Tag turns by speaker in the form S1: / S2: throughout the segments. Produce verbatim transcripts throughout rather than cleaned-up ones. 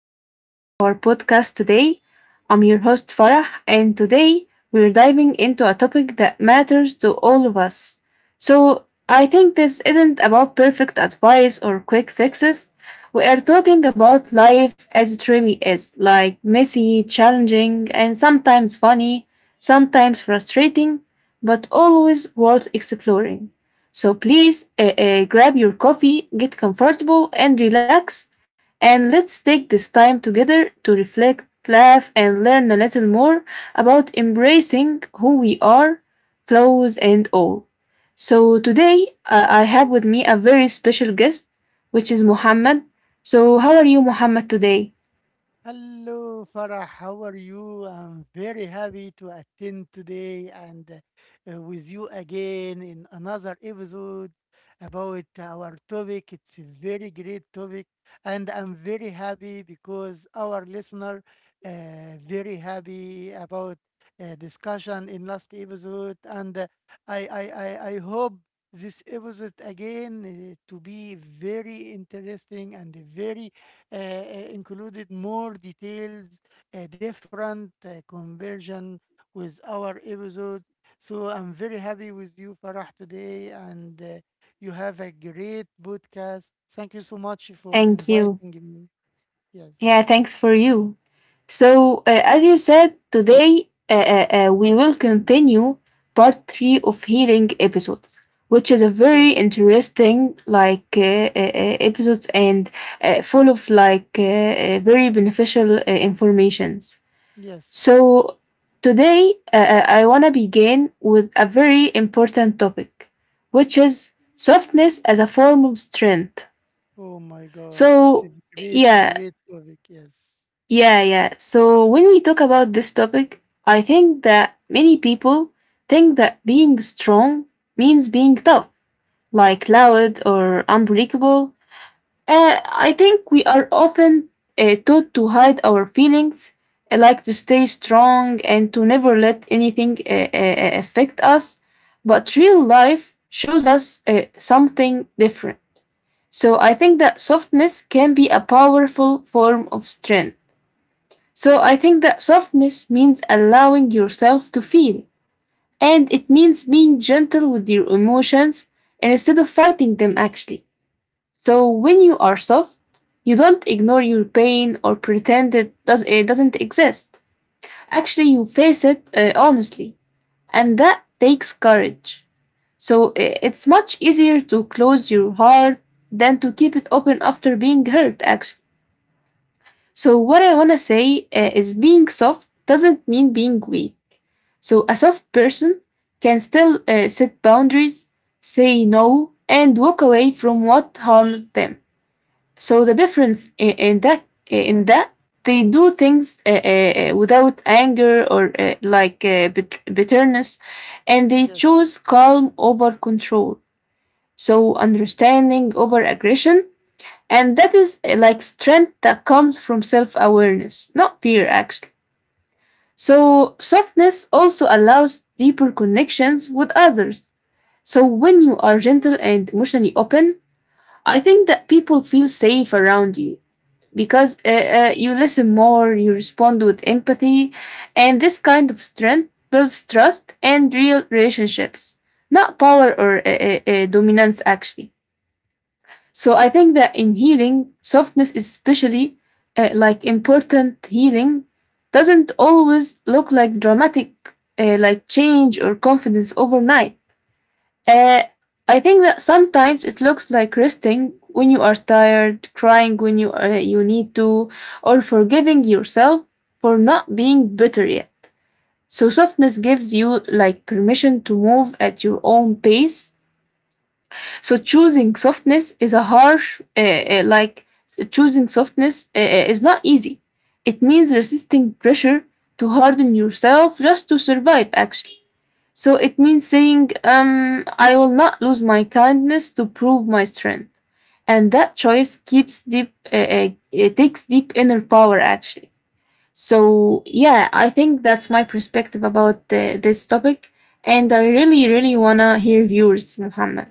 S1: back to our podcast today. I'm your host Farah, and today we're diving into a topic that matters to all of us. So, I think this isn't about perfect advice or quick fixes. We are talking about life as it really is like messy, challenging, and sometimes funny, sometimes frustrating, but always worth exploring. So please uh, uh, grab your coffee, get comfortable, and relax and let's take this time together to reflect, laugh, and learn a little more about embracing who we are, flaws and all. So, today uh, I have with me a very special guest, which is Muhammad. So, how are you, Muhammad, today?
S2: Hello, Farah. How are you? I'm very happy to attend today and uh, with you again in another episode about our topic. It's a very great topic, and I'm very happy because our listener uh, very happy about uh, discussion in last episode, and uh, I, I I I hope this episode again uh, to be very interesting and very uh, uh, included more details, uh, different uh, conversion with our episode. So I'm very happy with you, Farah, today, and uh, you have a great podcast. Thank you so much for
S1: Thank you.
S2: inviting me. Yes,
S1: Yeah, thanks for you. So, uh, as you said, today uh, uh, uh, we will continue part three of healing episodes, which is a
S2: yes,
S1: very interesting like uh, uh, uh, episodes and uh, full of like uh, uh, very beneficial uh, informations.
S2: yes.
S1: So today uh, uh, I wanna begin with a very important topic, which is softness as a form of strength.
S2: Oh my God, it's
S1: So
S2: a great,
S1: yeah,
S2: great topic. Yes,
S1: yeah, yeah. So when we talk about this topic, I think that many people think that being strong means being tough, like loud or unbreakable. Uh, I think we are often uh, taught to hide our feelings, uh, like to stay strong and to never let anything uh, uh, affect us. But real life shows us uh, something different. So I think that softness can be a powerful form of strength. So I think that softness means allowing yourself to feel, and it means being gentle with your emotions instead of fighting them actually. So when you are soft, you don't ignore your pain or pretend it, does, it doesn't exist. Actually, you face it uh, honestly, and that takes courage. So uh, it's much easier to close your heart than to keep it open after being hurt, actually. So, what I want to say uh, is being soft doesn't mean being weak. So a soft person can still uh, set boundaries, say no, and walk away from what harms them. So the difference in, in that in that they do things uh, uh, uh, without anger or uh, like uh, bit- bitterness, and they
S2: yes.
S1: choose calm over control. So understanding over aggression, and that is uh, like strength that comes from self awareness, not fear actually. So, softness also allows deeper connections with others. So, when you are gentle and emotionally open, I think that people feel safe around you because uh, uh, you listen more, you respond with empathy, and this kind of strength builds trust and real relationships, not power or uh, uh, uh, dominance, actually. So I think that in healing, softness is especially uh, like important healing doesn't always look like dramatic uh, like change or confidence overnight. Uh, I think that sometimes it looks like resting when you are tired, crying when you uh, you need to, or forgiving yourself for not being better yet. So softness gives you like permission to move at your own pace so choosing softness is a harsh, uh, uh, like choosing softness uh, uh, is not easy. It means resisting pressure to harden yourself just to survive, actually. So it means saying, um, I will not lose my kindness to prove my strength. And that choice keeps deep, uh, uh, it takes deep inner power, actually. So, yeah, I think that's my perspective about uh, this topic. And I really, really want to hear yours, Muhammad.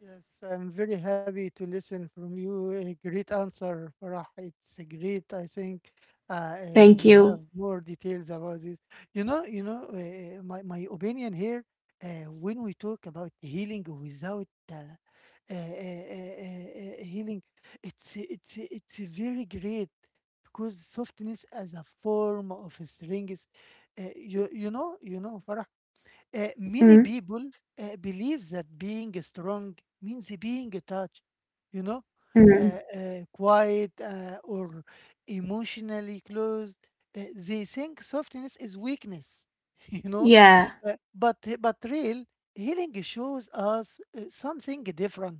S2: Yes, I'm very happy to listen from you. A great answer, Farah. It's a great. I think uh, uh,
S1: Thank
S2: you have
S1: you.
S2: more details about this. You know, you know, uh, my my opinion here. Uh, when we talk about healing without uh, uh, uh, uh, uh, healing, it's it's it's very great because softness as a form of strength. Uh, you you know you know Farah. Uh, many
S1: Mm.
S2: people uh, believe that being strong means being touch, you know, uh,
S1: Mm.
S2: uh, quiet uh, or emotionally closed. Uh, they think softness is weakness, you know,
S1: Yeah.
S2: uh, but but real healing shows us uh, something different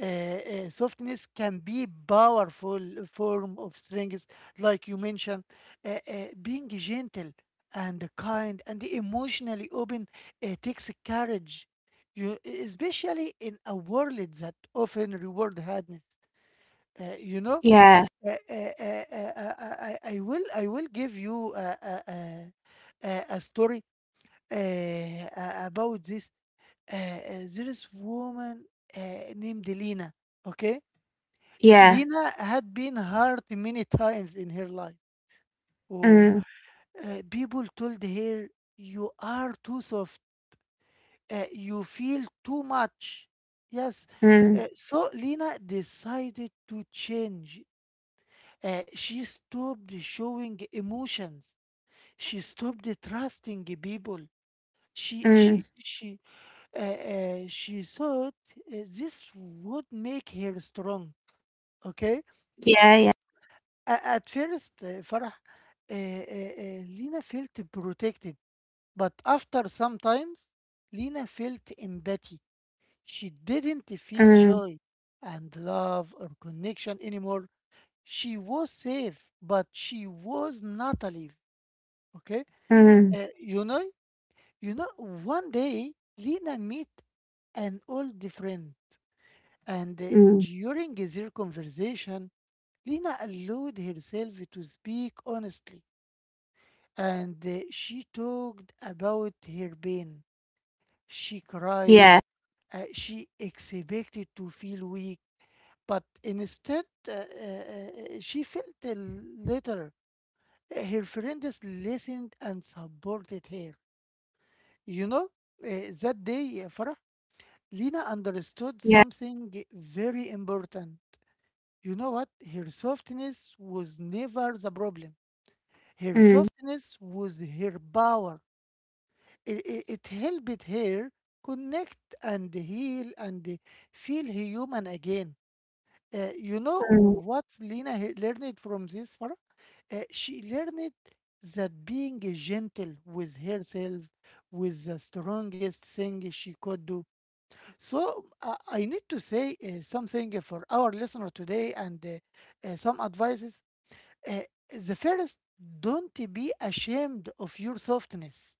S2: uh, uh, softness can be powerful form of strength like you mentioned, uh, uh, being gentle and kind and emotionally open uh, takes courage, you especially in a world that often reward hardness, uh, you know.
S1: Yeah.
S2: Uh, uh, uh, uh, uh, I, I I will I will give you a, a, a, a a story uh, a- about this. Uh, uh, there is woman uh, named Lena. Okay,
S1: Yeah.
S2: Lena had been hurt many times in her life. Oh,
S1: Mm.
S2: uh, People told her, "You are too soft. Uh, you feel too much." Yes. Uh,
S1: Mm.
S2: so Lena decided to change. Uh, she stopped showing emotions. She stopped trusting people. She she
S1: Mm.
S2: she uh, uh, she thought uh, this would make her strong. Okay.
S1: Yeah, yeah.
S2: a- at first, uh, Farah, uh, uh, uh, Lena felt protected, but after some times, Lena felt empathy. She didn't feel
S1: Mm.
S2: joy and love or connection anymore. She was safe, but she was not alive. Okay.
S1: Mm.
S2: Uh, you know, you know. One day, Lena met an old friend, and uh,
S1: Mm.
S2: during their conversation, Lena allowed herself to speak honestly, and uh, she talked about her pain. She cried.
S1: Yeah.
S2: Uh, she expected to feel weak, but instead uh, uh, uh, she felt a little. uh, Her friends listened and supported her. You know, uh, that day, uh, Farah, Lina understood
S1: Yeah.
S2: something very important. You know what? Her softness was never the problem. Her
S1: Mm.
S2: softness was her power. it, it, it helped her connect and heal and feel human again. Uh, you know
S1: Mm.
S2: what Lena he- learned from this, Farah? Uh, she learned that being gentle with herself was the strongest thing she could do. So uh, I need to say uh, something for our listener today, and uh, uh, some advices. Uh, the first, don't be ashamed of your softness.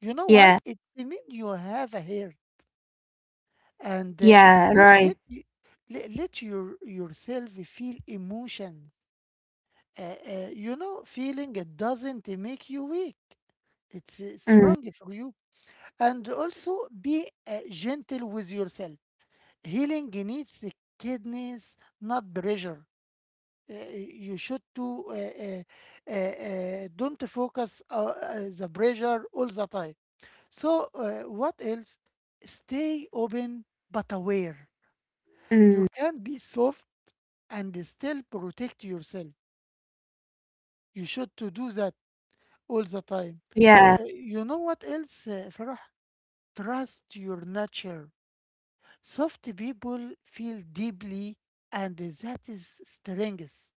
S2: You know why?
S1: Yeah.
S2: It means you have a hair and uh,
S1: Yeah,
S2: let let
S1: right.
S2: you, let, let your yourself feel emotions. Uh, uh, you know, feeling it doesn't make you weak. It's uh,
S1: Mm.
S2: strong for you. And also be uh, gentle with yourself. Healing needs kindness, not pressure. Uh, you should to uh, uh, uh, uh, don't focus uh, uh, the pressure all the time. So, uh, what else? Stay open but aware.
S1: Mm.
S2: You can be soft and still protect yourself. You should to do that all the time.
S1: Yeah.
S2: Uh, you know what else, uh, Farah? Trust your nature. Soft people feel deeply, and that is strength.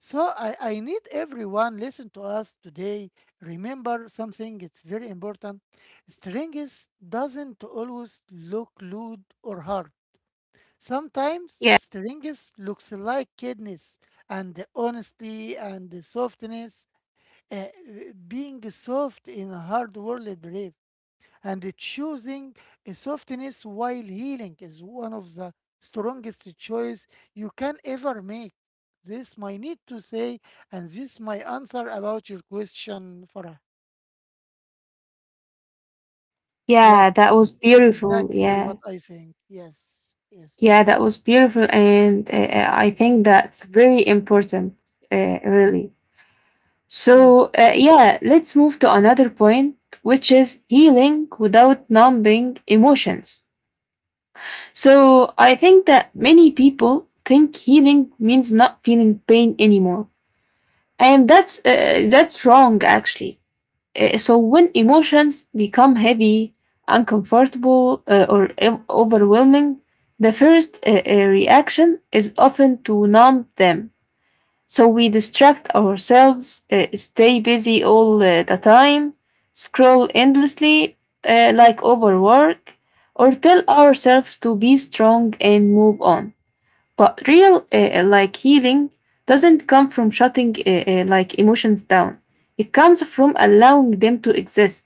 S2: So I, I need everyone listen to us today. Remember something, it's very important. Strength doesn't always look rude or hard. Sometimes
S1: Yeah.
S2: strings looks like kidneys, and the honesty and the softness, uh, being soft in a hard world brave, and choosing a softness while healing is one of the strongest choice you can ever make. This my need to say, and this my answer about your question, Farah. Yes,
S1: Yeah, that was
S2: it's
S1: beautiful.
S2: exactly what
S1: Yeah.
S2: I think. Yes, yes,
S1: Yeah, that was beautiful. And uh, uh, I think that's very important, uh, really.
S2: yes,
S1: So, uh, yeah, let's move to another point, which is healing without numbing emotions. So I think that many people think healing means not feeling pain anymore, and that's uh, that's wrong actually. Uh, so when emotions become heavy, uncomfortable, uh, or ev- overwhelming, the first uh, uh, reaction is often to numb them. So we distract ourselves, uh, stay busy all uh, the time, scroll endlessly uh, like overwork, or tell ourselves to be strong and move on. But real uh, like healing doesn't come from shutting uh, uh, like emotions down. It comes from allowing them to exist.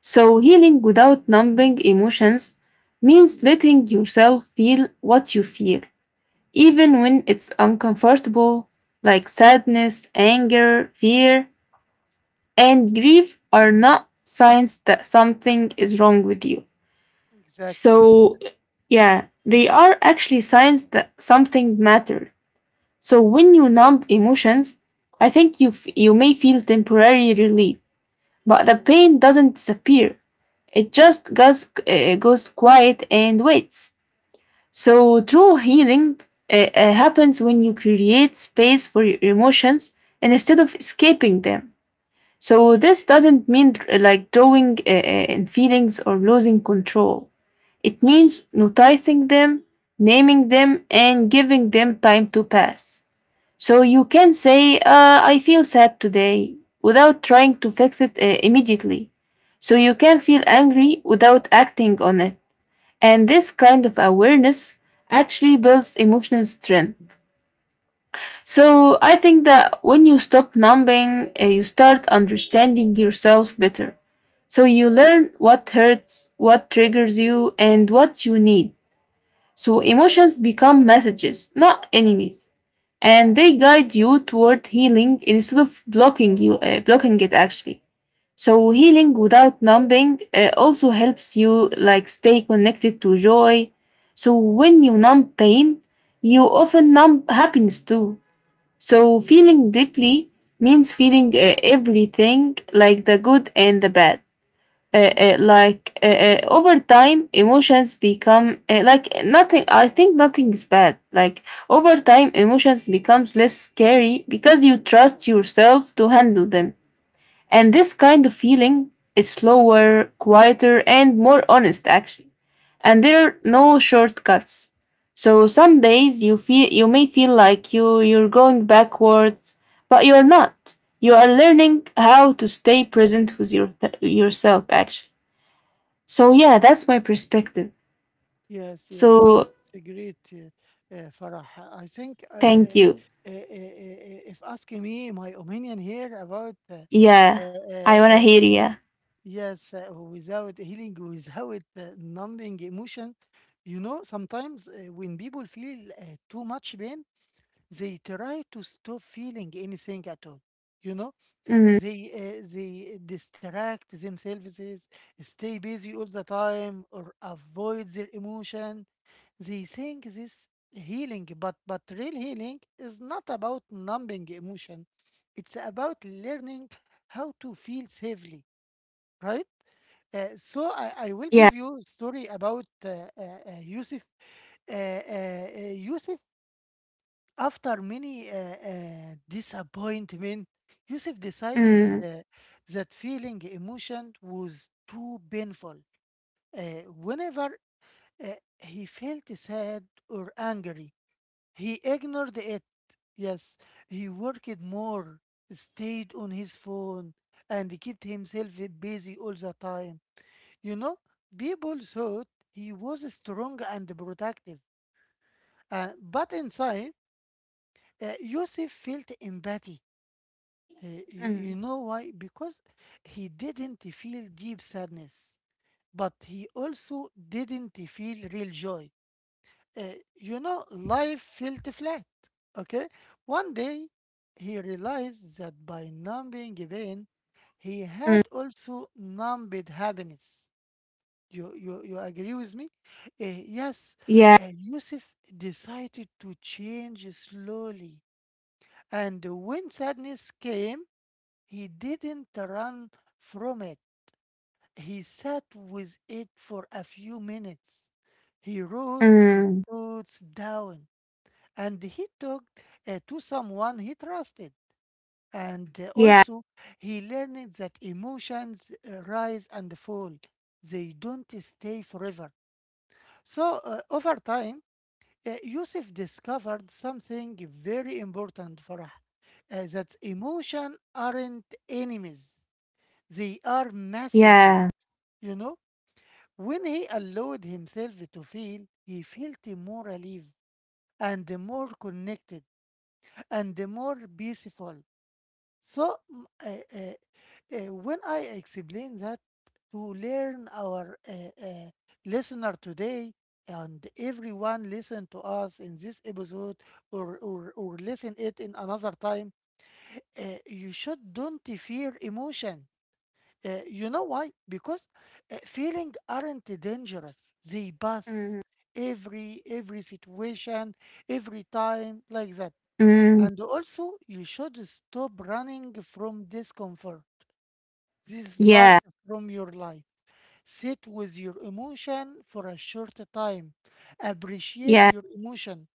S1: So healing without numbing emotions means letting yourself feel what you feel even when it's uncomfortable, like sadness, anger, fear, and grief are not signs that something is wrong with you.
S2: exactly.
S1: So, yeah, they are actually signs that something matters. So, when you numb emotions, I think you, f- you may feel temporary relief, but the pain doesn't disappear. It just goes, uh, goes quiet and waits. So, true healing uh, uh, happens when you create space for your emotions and instead of escaping them. So, this doesn't mean uh, like drawing uh, uh, in feelings or losing control. It means noticing them, naming them, and giving them time to pass. So, you can say, uh, I feel sad today, without trying to fix it uh, immediately. So, you can feel angry without acting on it. And this kind of awareness actually builds emotional strength. So I think that when you stop numbing, uh, you start understanding yourself better. So you learn what hurts, what triggers you, and what you need. So emotions become messages, not enemies, and they guide you toward healing instead of blocking you, uh, blocking it actually. So healing without numbing uh, also helps you like stay connected to joy. So when you numb pain, you often numb happiness too. So feeling deeply means feeling uh, everything like the good and the bad uh, uh, like uh, uh, over time emotions become uh, like nothing I think nothing is bad like over time emotions becomes less scary because you trust yourself to handle them and this kind of feeling is slower quieter and more honest actually and there are no shortcuts so some days you feel you may feel like you you're going backwards but you're not you are learning how to stay present with your yourself actually so yeah, that's my perspective.
S2: Yes, yes,
S1: So
S2: it's a great, uh, uh, Farah. I think uh,
S1: thank
S2: uh,
S1: you.
S2: uh, uh, uh, if asking me my opinion here about uh,
S1: Yeah,
S2: uh, uh,
S1: I wanna
S2: uh,
S1: hear yeah.
S2: yes, uh, without healing, without uh, numbing emotion, you know, sometimes uh, when people feel uh, too much pain, they try to stop feeling anything at all. You know,
S1: Mm,
S2: they uh, they distract themselves, stay busy all the time, or avoid their emotion. They think this healing, but but real healing is not about numbing emotion. It's about learning how to feel safely, right? Uh, so I, I will
S1: yeah.
S2: give you a story about uh, uh, uh, Yusuf. Uh, uh, uh, Yusuf, after many uh, uh, disappointment, Yusuf decided
S1: Mm,
S2: uh, that feeling emotion was too painful. Uh, Whenever uh, he felt sad or angry, he ignored it. Yes, he worked more, stayed on his phone, and kept himself busy all the time. You know, people thought he was strong and protective, uh, but inside, uh, Yusuf felt empathy. Uh, y-
S1: mm,
S2: you know why? Because he didn't feel deep sadness, but he also didn't feel real joy. Uh, you know, life felt flat. Okay. One day, he realized that by numbing pain, he
S1: mm,
S2: had also numbed happiness. You, you, you agree with me? Uh, yes.
S1: yeah.
S2: Uh, Yusuf decided to change slowly. And when sadness came, he didn't run from it. He sat with it for a few minutes. He wrote his
S1: Mm,
S2: thoughts down and he talked uh, to someone he trusted. And uh,
S1: yeah.
S2: also, he learned that emotions uh, rise and fall, they don't stay forever. So, uh, over time, uh, Yusuf discovered something very important for us that emotion aren't enemies, they are messages.
S1: Yeah.
S2: You know, when he allowed himself to feel, he felt more alive and more connected and more peaceful. So, mm, uh, uh, uh, when I explain that to learn our uh, uh, listener today, and everyone listen to us in this episode or, or, or listen it in another time, uh, you should don't fear emotion. Uh, you know why? Because uh, feeling aren't dangerous. They pass
S1: Mm,
S2: every every situation, every time like that.
S1: mm,
S2: And also, you should stop running from discomfort. This is part
S1: yeah.
S2: from your life. Sit with your emotion for a short time. Appreciate
S1: Yeah.
S2: your emotion.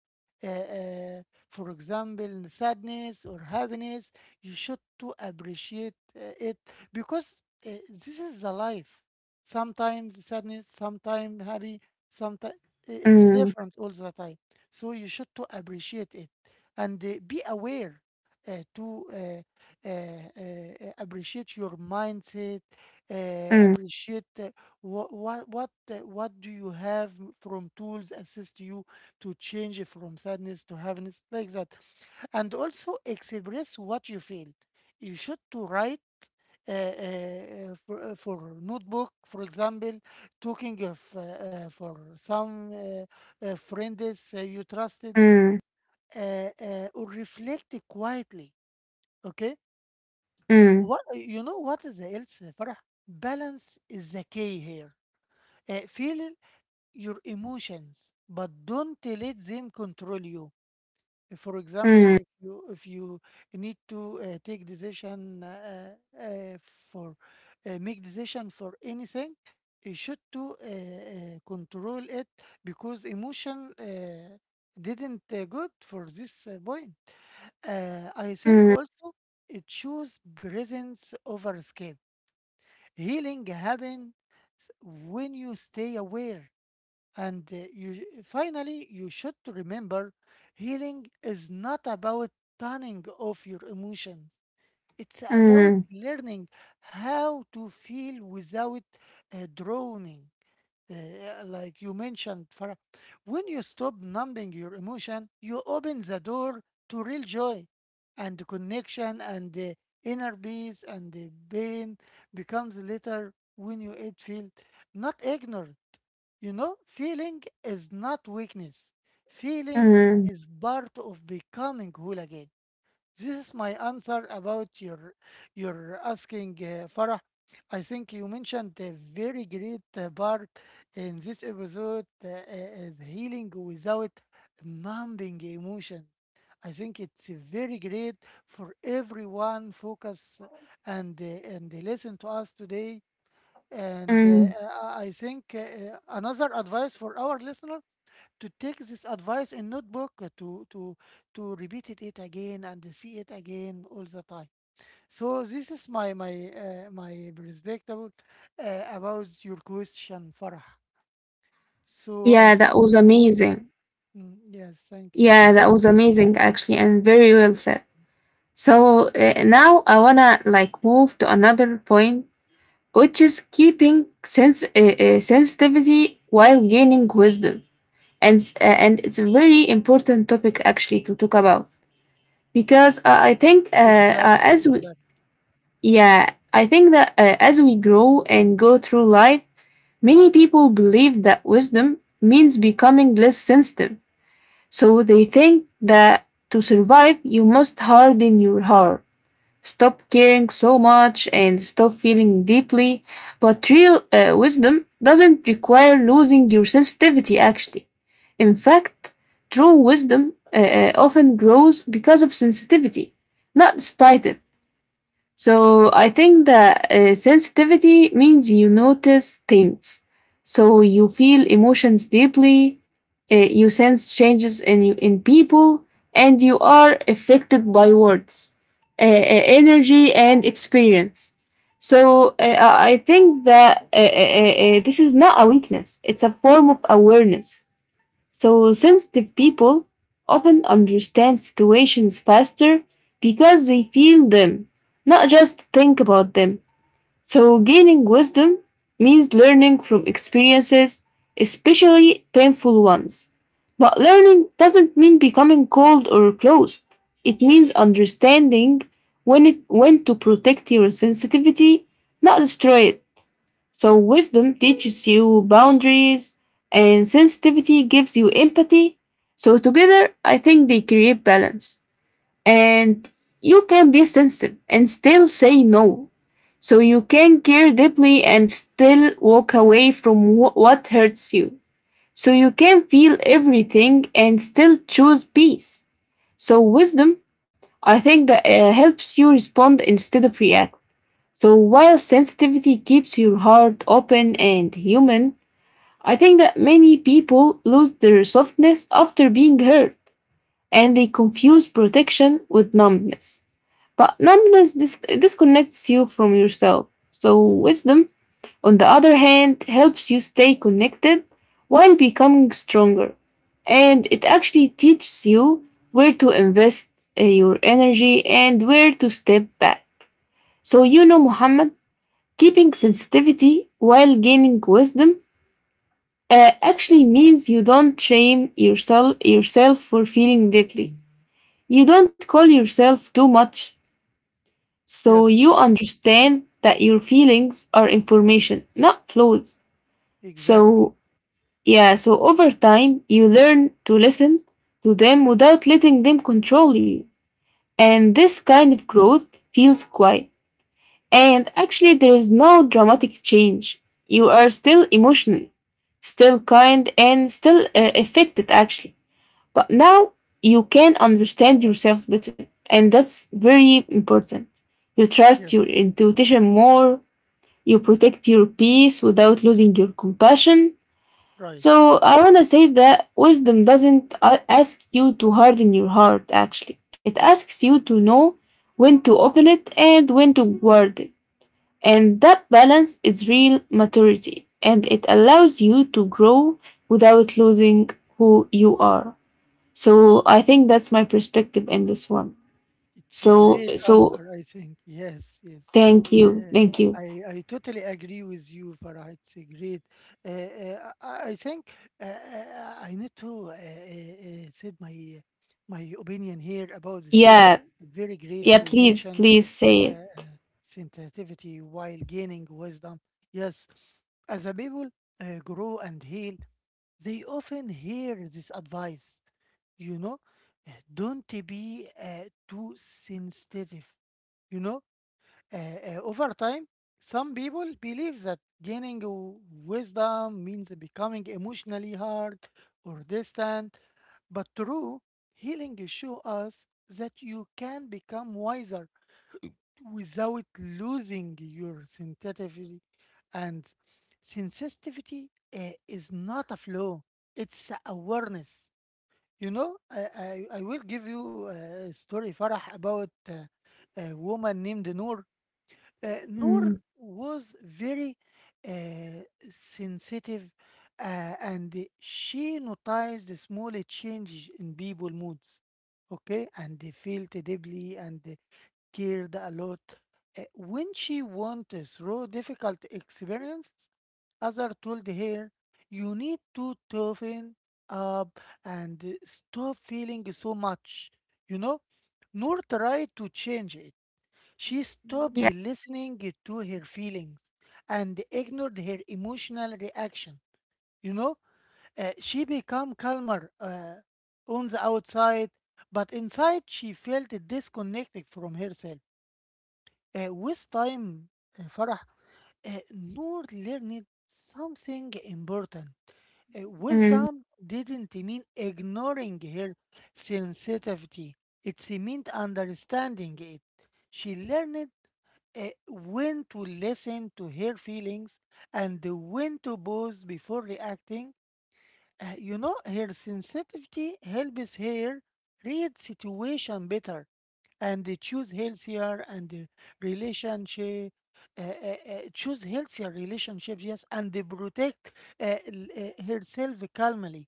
S2: Uh, uh, for example, in sadness or happiness, you should to appreciate uh, it because uh, this is the life. Sometimes sadness, sometimes happy, sometimes it's
S1: Mm,
S2: different all the time. So you should to appreciate it and uh, be aware uh, to uh, uh, uh, uh, appreciate your mindset, uh,
S1: mm,
S2: appreciate uh, what what what uh, what do you have m- from tools assist you to change from sadness to happiness like that, and also express what you feel. You should to write uh, uh, uh, for, uh, for notebook, for example, talking of uh, uh, for some uh, uh, friends uh, you trusted,
S1: mm,
S2: uh, uh, or reflect quietly. Okay,
S1: mm,
S2: what you know? What is else, uh, Farah? Balance is the key here. Uh, feel your emotions, but don't let them control you. For example,
S1: mm,
S2: if you if you need to uh, take decision uh, uh, uh, for uh, make decision for anything, you should to uh, uh, control it because emotion uh, didn't uh, good for this uh, point. Uh, I think
S1: mm,
S2: also it choose presence over escape. Healing happen when you stay aware, and uh, you finally, you should remember healing is not about turning off your emotions. It's about
S1: mm,
S2: learning how to feel without uh, drowning. Uh, like you mentioned, Farah, when you stop numbing your emotion, you open the door to real joy and connection and the inner peace, and the pain becomes later when you it feel not ignored. You know, feeling is not weakness. Feeling
S1: mm,
S2: is part of becoming whole again. This is my answer about your your asking, uh, Farah. I think you mentioned a very great uh, part in this episode, uh, uh, healing without numbing emotion. I think it's very great for everyone focus and uh, and listen to us today. And uh,
S1: mm.
S2: I I think uh, uh, another advice for our listener to take this advice in notebook uh, to to to repeat it, it again and see it again all the time. So this is my my uh, my perspective uh, about your question, Farah. So I
S1: Yeah, that
S2: think
S1: was
S2: we will.
S1: amazing.
S2: Mm, yes, thank you so
S1: Yeah,
S2: much.
S1: that was amazing actually, and very well said. So uh, now I wanna like move to another point which is keeping sense, uh, uh, sensitivity while gaining wisdom. And, s- uh, and it's a very important topic actually to talk about because uh, I think uh, uh,
S2: exactly
S1: as we,
S2: exactly
S1: yeah, I think that uh, as we grow and go through life, many people believe that wisdom means becoming less sensitive. So they think that to survive, you must harden your heart. Stop caring so much and stop feeling deeply. But real uh, wisdom doesn't require losing your sensitivity, actually. In fact, true wisdom uh, uh, often grows because of sensitivity, not despite it. So I think that uh, sensitivity means you notice things. So you feel emotions deeply, uh, you sense changes in you, in people, and you are affected by words, uh, uh, energy, and experience. So uh, I I think that uh, uh, uh, uh, this is not a weakness; it's a form of awareness. So, sensitive people often understand situations faster because they feel them, not just think about them. So, gaining wisdom means learning from experiences, especially painful ones. But learning doesn't mean becoming cold or closed. It means understanding when, it, when to protect your sensitivity, not destroy it. So, wisdom teaches you boundaries, and sensitivity gives you empathy. So, together, I think they create balance. And you can be sensitive and still say no. So, you can care deeply and still walk away from wh- what hurts you. So, you can feel everything and still choose peace. So, wisdom, I think, that, uh, helps you respond instead of react. So while sensitivity keeps your heart open and human, I think that many people lose their softness after being hurt and they confuse protection with numbness. But numbness dis- disconnects you from yourself. So wisdom, on the other hand, helps you stay connected while becoming stronger. And it actually teaches you where to invest uh, your energy and where to step back. So, you know, Muhammad, keeping sensitivity while gaining wisdom uh, actually means you don't shame yourself yourself for feeling deeply. You don't call yourself too much. So
S2: yes
S1: you understand that your feelings are information, not flaws.
S2: exactly
S1: So yeah, so over time you learn to listen to them without letting them control you. And this kind of growth feels quiet. And actually, there is no dramatic change. You are still emotional, still kind, and still uh, affected, actually. But now you can understand yourself better. And that's very important. You trust
S2: yes
S1: your intuition more, you protect your peace without losing your compassion.
S2: right
S1: So, I want to say that wisdom doesn't a- ask you to harden your heart, actually. It asks you to know when to open it and when to guard it. And that balance is real maturity and it allows you to grow without losing who you are. So I think that's my perspective in this one.
S2: it's a
S1: So
S2: great
S1: so
S2: answer, I think. yes yes
S1: thank you.
S2: Uh,
S1: Thank you.
S2: I I totally agree with you, Farah. It's a great. Uh, uh, I I think uh, uh, I need to uh, uh, uh, said my my opinion here about this topic.
S1: Yeah.
S2: Very great
S1: Yeah,
S2: to
S1: please,
S2: mention
S1: please say it.
S2: uh, sensitivity while gaining wisdom. Yes, as a people uh, grow and heal, they often hear this advice. You know, uh, don't be uh, too sensitive. You know uh, uh, Over time, some people believe that gaining w- wisdom means becoming emotionally hard or distant, but true healing shows us that you can become wiser without losing your sensitivity. And sensitivity uh, is not a flaw; it's a awareness. You know, I, I, I will give you uh, a story, Farah, about uh, a woman named Noor. uh, Noor
S1: Mm,
S2: was very uh, sensitive uh, and she noticed the small changes in people moods, okay, and they felt deeply and they cared a lot. Uh, when she went through difficult experiences, others told her, "You need to toughen up and stop feeling so much." You know, Noor tried to change it. She stopped
S1: yeah.
S2: listening to her feelings and ignored her emotional reaction. You know, Uh, she became calmer uh, on the outside, but inside she felt disconnected from herself. Uh, with time, uh, Farah, uh, Noor learned something important. Uh,
S1: Mm,
S2: wisdom didn't mean ignoring her sensitivity, it meant understanding it. She learned uh, when to listen to her feelings and when to pause before reacting. Uh, you know, her sensitivity helps her read situation better, and they choose healthier and uh, relationship, uh, uh, uh, choose healthier relationships, yes, and they protect uh, l- uh, herself calmly.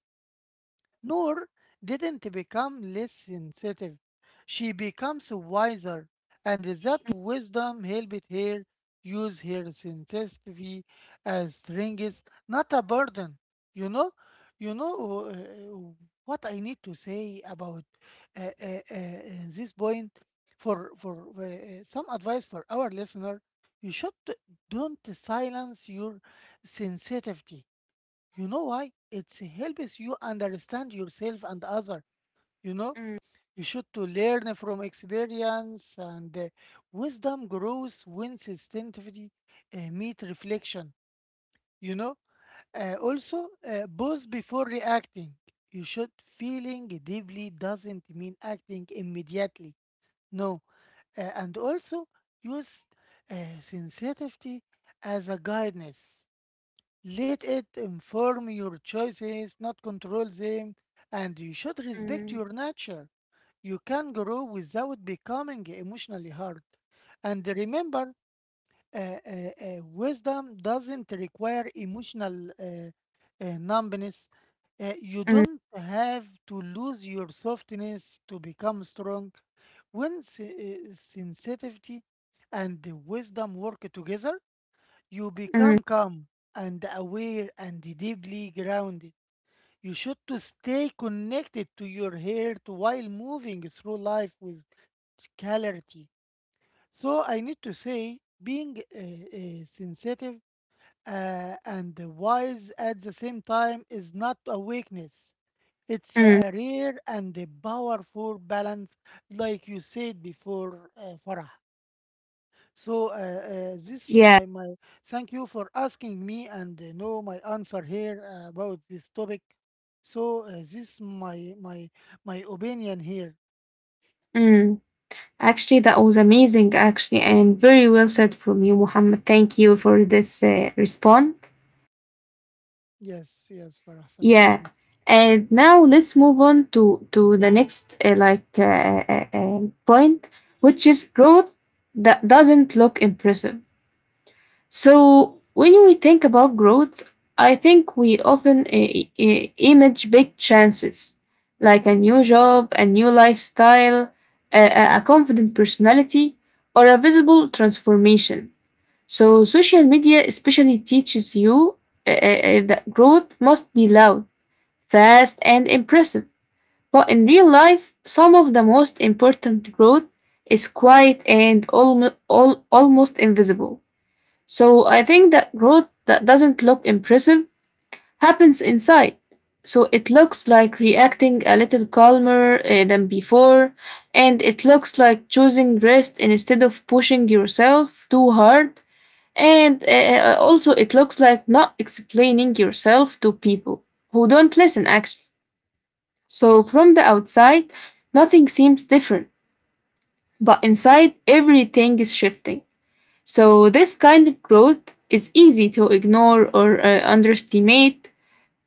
S2: Noor didn't become less sensitive. She becomes wiser, and that wisdom helped her use her sensitivity as strength, not a burden. You know, you know uh, what I need to say about uh, uh, uh, uh, this point, for for uh, uh, some advice for our listener. You should don't silence your sensitivity. You know why? It helps you understand yourself and other. You know,
S1: mm,
S2: you should to learn from experience, and uh, wisdom grows when sensitivity uh, meet reflection. You know, uh, Also, uh, pause before reacting. You should feeling deeply doesn't mean acting immediately. No, uh, and also use uh, sensitivity as a guidance. Let it inform your choices, not control them, and you should respect
S1: mm,
S2: your nature. You can grow without becoming emotionally hard. And remember, uh, uh, uh, wisdom doesn't require emotional uh, uh, numbness. Uh, you
S1: mm,
S2: don't have to lose your softness to become strong. When se- uh, sensitivity and the wisdom work together, you
S1: mm,
S2: become calm and aware and deeply grounded. You should to stay connected to your heart while moving through life with clarity. So I need to say being uh, uh, sensitive uh, and wise at the same time is not a weakness. It's
S1: mm.
S2: a rare and a powerful balance, like you said before, uh, Farah. So uh, uh, this
S1: Yeah.
S2: my my thank you for asking me and uh, know my answer here uh, about this topic. So uh, this my my my opinion here.
S1: Mm. Actually, that was amazing, actually, and very well said from you, Muhammad. Thank you for this uh, response.
S2: Yes, yes, Farah. Thank you so
S1: Yeah.
S2: much.
S1: And now let's move on to to the next uh, like uh, uh, uh, point, which is growth that doesn't look impressive. So when we think about growth, I think we often i- i- image big chances, like a new job, a new lifestyle, a, a a confident personality, or a visible transformation. So social media especially teaches you uh, uh, uh, that growth must be loud fast, and impressive. But in real life, some of the most important growth is quiet and almo al- almost invisible. So I think that growth that doesn't look impressive happens inside. So it looks like reacting a little calmer uh, than before, and it looks like choosing rest instead of pushing yourself too hard. And uh, uh, also, it looks like not explaining yourself to people who don't listen, actually. So from the outside, nothing seems different, but inside, everything is shifting. So this kind of growth is easy to ignore or uh, underestimate,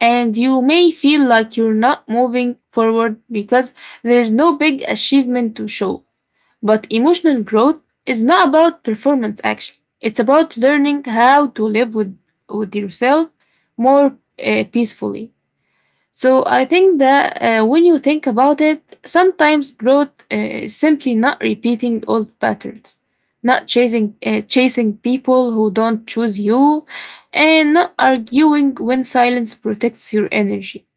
S1: and you may feel like you're not moving forward because there is no big achievement to show. But emotional growth is not about performance actually. It's about learning how to live with, with yourself more uh, peacefully. So I think that uh, when you think about it, sometimes growth uh, is simply not repeating old patterns, not chasing uh, chasing people who don't choose you, and not arguing when silence protects your energy.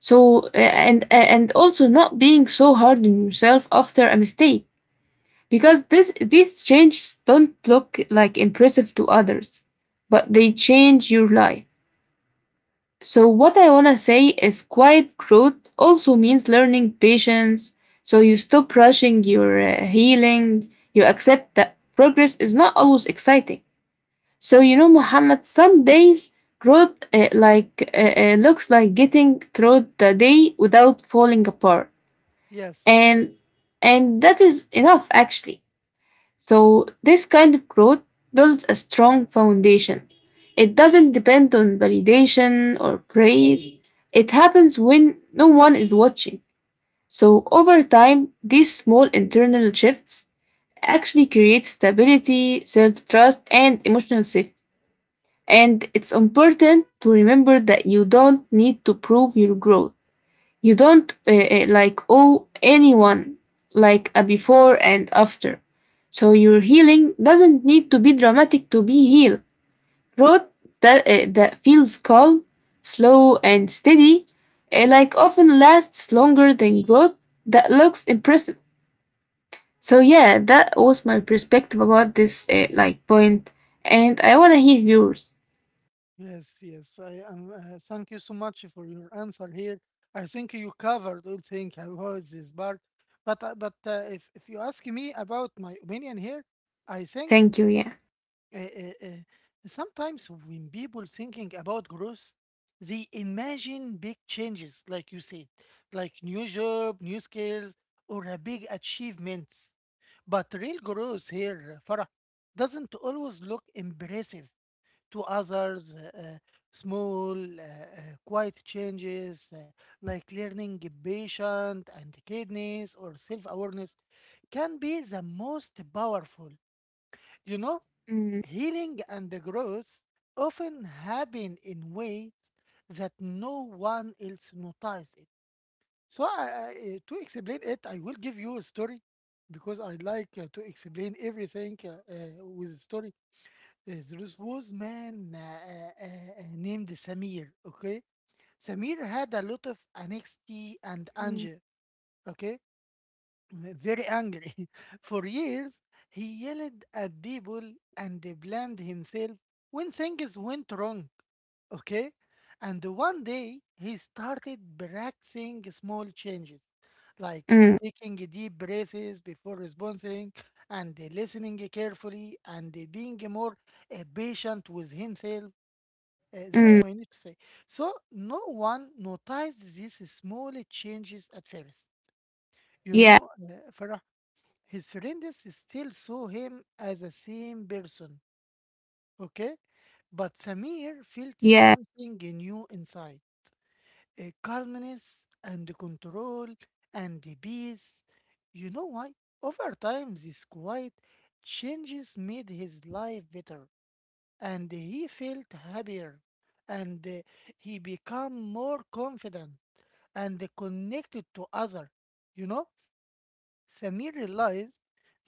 S1: So uh, and and also not being so hard on yourself after a mistake, because this these changes don't look like impressive to others, but they change your life. So, what I want to say is quiet growth also means learning patience. So, you stop rushing your uh, healing, you accept that progress is not always exciting. So, you know, Muhammad, some days growth uh, like uh, uh, looks like getting through the day without falling apart
S2: Yes, yes,
S1: and and that is enough actually so, this kind of growth builds a strong foundation. It doesn't depend on validation or praise. It happens when no one is watching. So, over time, these small internal shifts actually create stability, self trust, and emotional safety. And it's important to remember that you don't need to prove your growth you don't uh, uh, like owe anyone like a before and after. So your healing doesn't need to be dramatic to be healed. Growth that, uh, that feels calm, slow, and steady, uh, like often lasts longer than growth that looks impressive. So yeah, that was my perspective about this uh, like point, and I wanna hear yours.
S2: yes, yes. I am. Uh, thank you so much for your answer here. I think you covered all things about this part. But uh, but uh, if if you ask me about my opinion here, I think
S1: Thank you. Yeah.
S2: Uh, uh, uh, sometimes when people thinking about growth, they imagine big changes, like you said, like new job, new skills, or a big achievements. But real growth here, Farah, doesn't always look impressive to others. Uh, uh, small, uh, uh, quiet changes uh, like learning patient and kindness or self-awareness can be the most powerful. You know,
S1: Mm,
S2: Healing and the growth often happen in ways that no one else notices it. So, I, I- eh, to explain it, I will give you a story because I like uh, to explain everything uh, uh, with a story. Uh, there was man uh, uh, uh, named Samir. Okay, Samir had a lot of anxiety and
S1: mm,
S2: anger. Okay, very angry. For years, he yelled at people and they blamed himself when things went wrong, okay? And one day, he started practicing small changes, like
S1: mm,
S2: taking deep breaths before responding and listening carefully and being more uh, patient with himself. Uh, this
S1: mm,
S2: I need to say. So no one noticed these small changes at first. You
S1: yeah.
S2: know, uh, Farah. His friends still saw him as the same person, okay? But Samir felt
S1: Yeah.
S2: something new inside: a calmness and control and the peace. You know why? Over time, these quiet changes made his life better, and he felt happier, and uh, he became more confident and connected to other. You know? Samir realized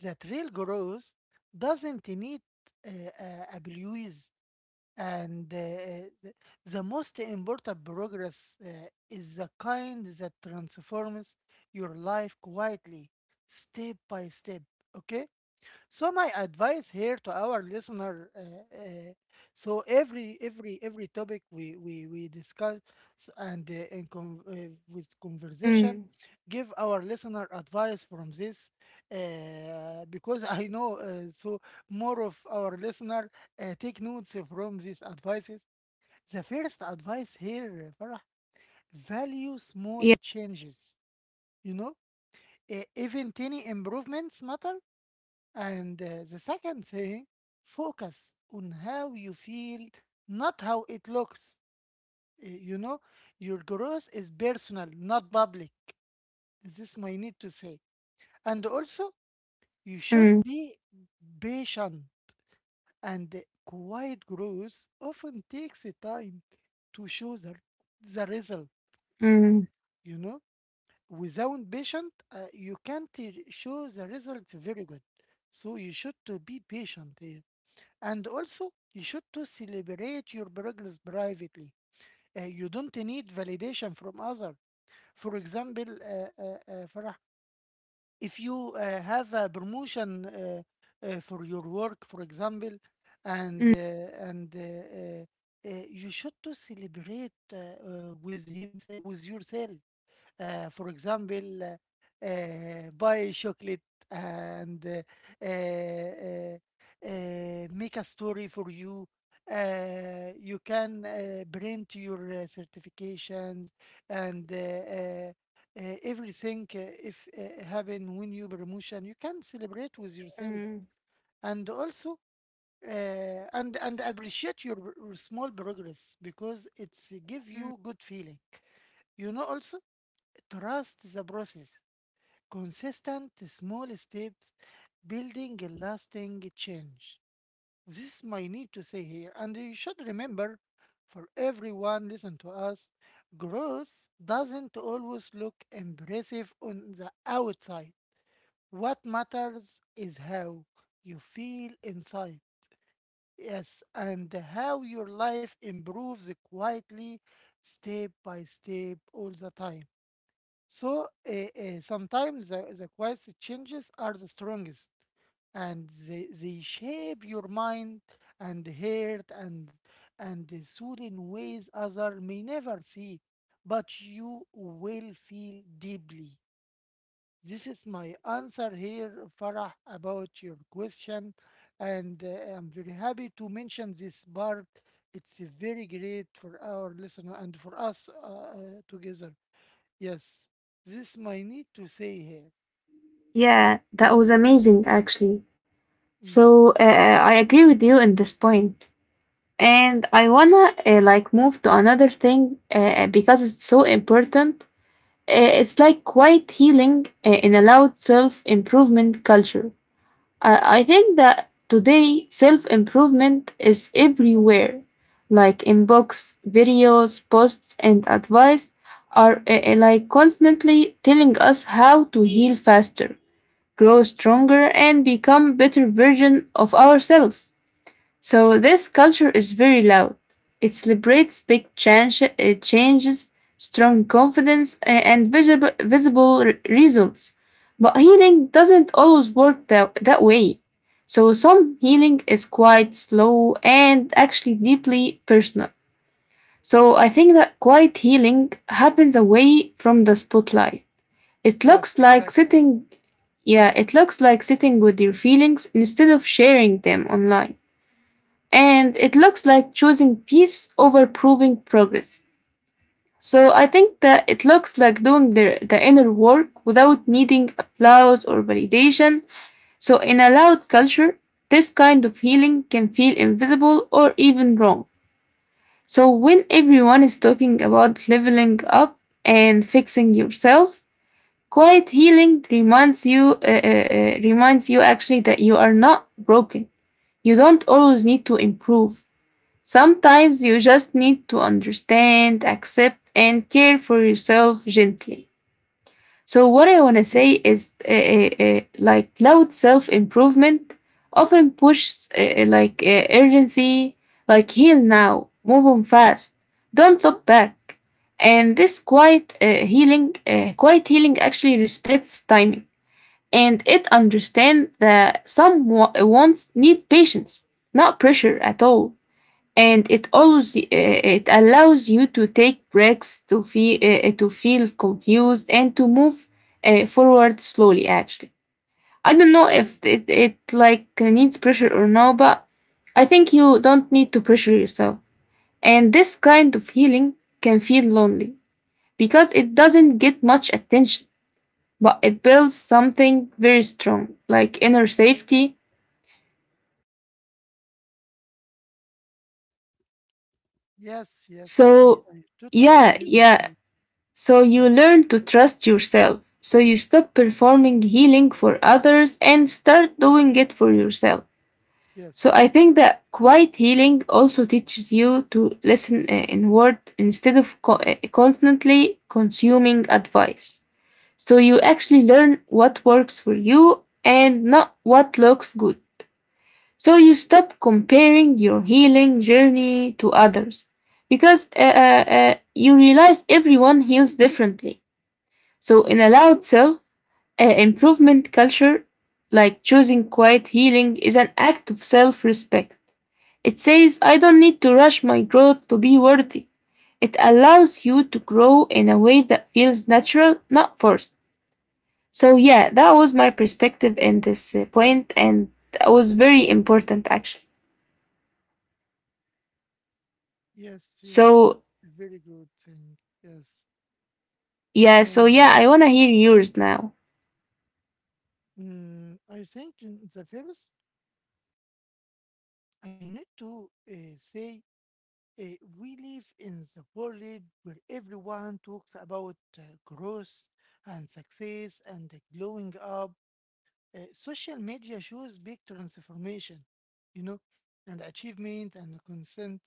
S2: that real growth doesn't need uh, uh, abuse, and uh, uh, the most important progress uh, is the kind that transforms your life quietly, step by step. Okay. So my advice here to our listener, uh, uh, so every every every topic we we we discuss and uh, in con- uh, with conversation,
S1: Mm,
S2: give our listener advice from this, uh, because I know uh, so more of our listener uh, take notes from these advices. The first advice here, Farah, value small
S1: yeah.
S2: changes. You know, Uh, even tiny improvements matter, and uh, the second thing, focus on how you feel, not how it looks. Uh, You know, your growth is personal, not public. This is my need to say. And also, you should
S1: Mm.
S2: be patient. And uh, Quiet growth often takes a time to show the, the result,
S1: Mm,
S2: you know. Without patient, uh, you can't uh, show the result very good. So you should to be patient here. And also, you should to celebrate your progress privately. Uh, you don't need validation from others. For example, uh, uh, uh, Farah, if you uh, have a promotion uh, uh, for your work, for example, and uh,
S1: mm,
S2: and uh, uh, uh, you should to celebrate uh, uh, with him, with yourself, uh, for example, uh, uh, buy chocolate and uh, uh, uh, make a story for you. Uh, you can uh, print your uh, certifications and uh, uh, uh, everything, uh, if uh, happen when you promotion, you can celebrate with yourself.
S1: mm,
S2: And also, uh, and and appreciate your, r- small progress because it's give
S1: mm.
S2: you good feeling. You know, also trust the process. Consistent small steps building a lasting change. This is my need to say here, and you should remember for everyone listen to us, growth doesn't always look impressive on the outside. What matters is how you feel inside. Yes, and how your life improves quietly, step by step, all the time. So uh, uh, sometimes the, the quietest changes are the strongest, and they, they shape your mind and heart and and the soul in ways other may never see, but you will feel deeply. This is my answer here, Farah, about your question, and uh, I'm very happy to mention this part. It's uh, very great for our listener and for us uh, uh, together. Yes, this my need to say here.
S1: Yeah, that was amazing, actually.
S2: Mm,
S1: So uh,
S2: thank you.
S1: uh, I agree with you in this point, and I wanna uh, like move to another thing uh, uh, because it's so important. Uh, it's like quiet healing uh, in a loud self improvement culture. Uh, I think that today self improvement is everywhere, like in books, videos, posts, and advice are uh, uh, like constantly telling us how to heal faster, grow stronger, and become better version of ourselves. So this culture is very loud. It celebrates big change, uh, changes, strong confidence, a- and visible, visible re- results. But healing doesn't always work that, that way. So some healing is quite slow and actually deeply personal. So I think that quiet healing happens away from the spotlight. It
S2: Yes,
S1: looks like
S2: exactly.
S1: sitting, yeah, it looks like sitting with your feelings instead of sharing them online. And it looks like choosing peace over proving progress. So I think that it looks like doing the, the inner work without needing applause or validation. So in a loud culture, this kind of healing can feel invisible or even wrong. So when everyone is talking about leveling up and fixing yourself, quiet healing reminds you uh, uh, uh, reminds you actually that you are not broken. You don't always need to improve. Sometimes you just need to understand, accept, and care for yourself gently. So, what I want to say is uh, uh, uh, like loud self improvement often pushes uh, uh, like uh, urgency, like heal now, move on fast, don't look back. And this quiet uh, healing, uh, quiet healing actually respects timing and it understands that some wa- wants need patience, not pressure at all and it allows uh, it allows you to take breaks to feel uh, uh, to feel confused and to move uh, forward slowly actually I don't know if it, it like needs pressure or no but I think you don't need to pressure yourself and this kind of healing can feel lonely because it doesn't get much attention but it builds something very strong like inner safety
S2: Yes, yes, I,
S1: so
S2: I totally
S1: yeah
S2: agree with
S1: yeah
S2: you.
S1: So you
S2: Yes,
S1: learn to trust yourself. So you stop performing healing for others and start doing it for yourself. So
S2: yes,
S1: I think that quiet healing also teaches you to listen uh, inward instead of co- uh, constantly consuming advice. So you actually learn what works for you and not what looks good. So you stop comparing your healing journey to others because uh, uh, uh, you realize everyone heals differently. So, in a loud self uh, improvement culture, like choosing quiet healing, is an act of self respect. It says, I don't need to rush my growth to be worthy. It allows you to grow in a way that feels natural, not forced. So, yeah, that was my perspective in this uh, point, and that was very important actually.
S2: yes, yes. It's
S1: So,
S2: a very good thing. Yes,
S1: yeah, so
S2: and
S1: yeah,
S2: uh,
S1: I want to hear yours now.
S2: mm, I think in the first I need to uh, say uh, we live in the world where everyone talks about uh, growth and success and glowing up. Uh, social media shows big transformation, you know, and achievement and consent,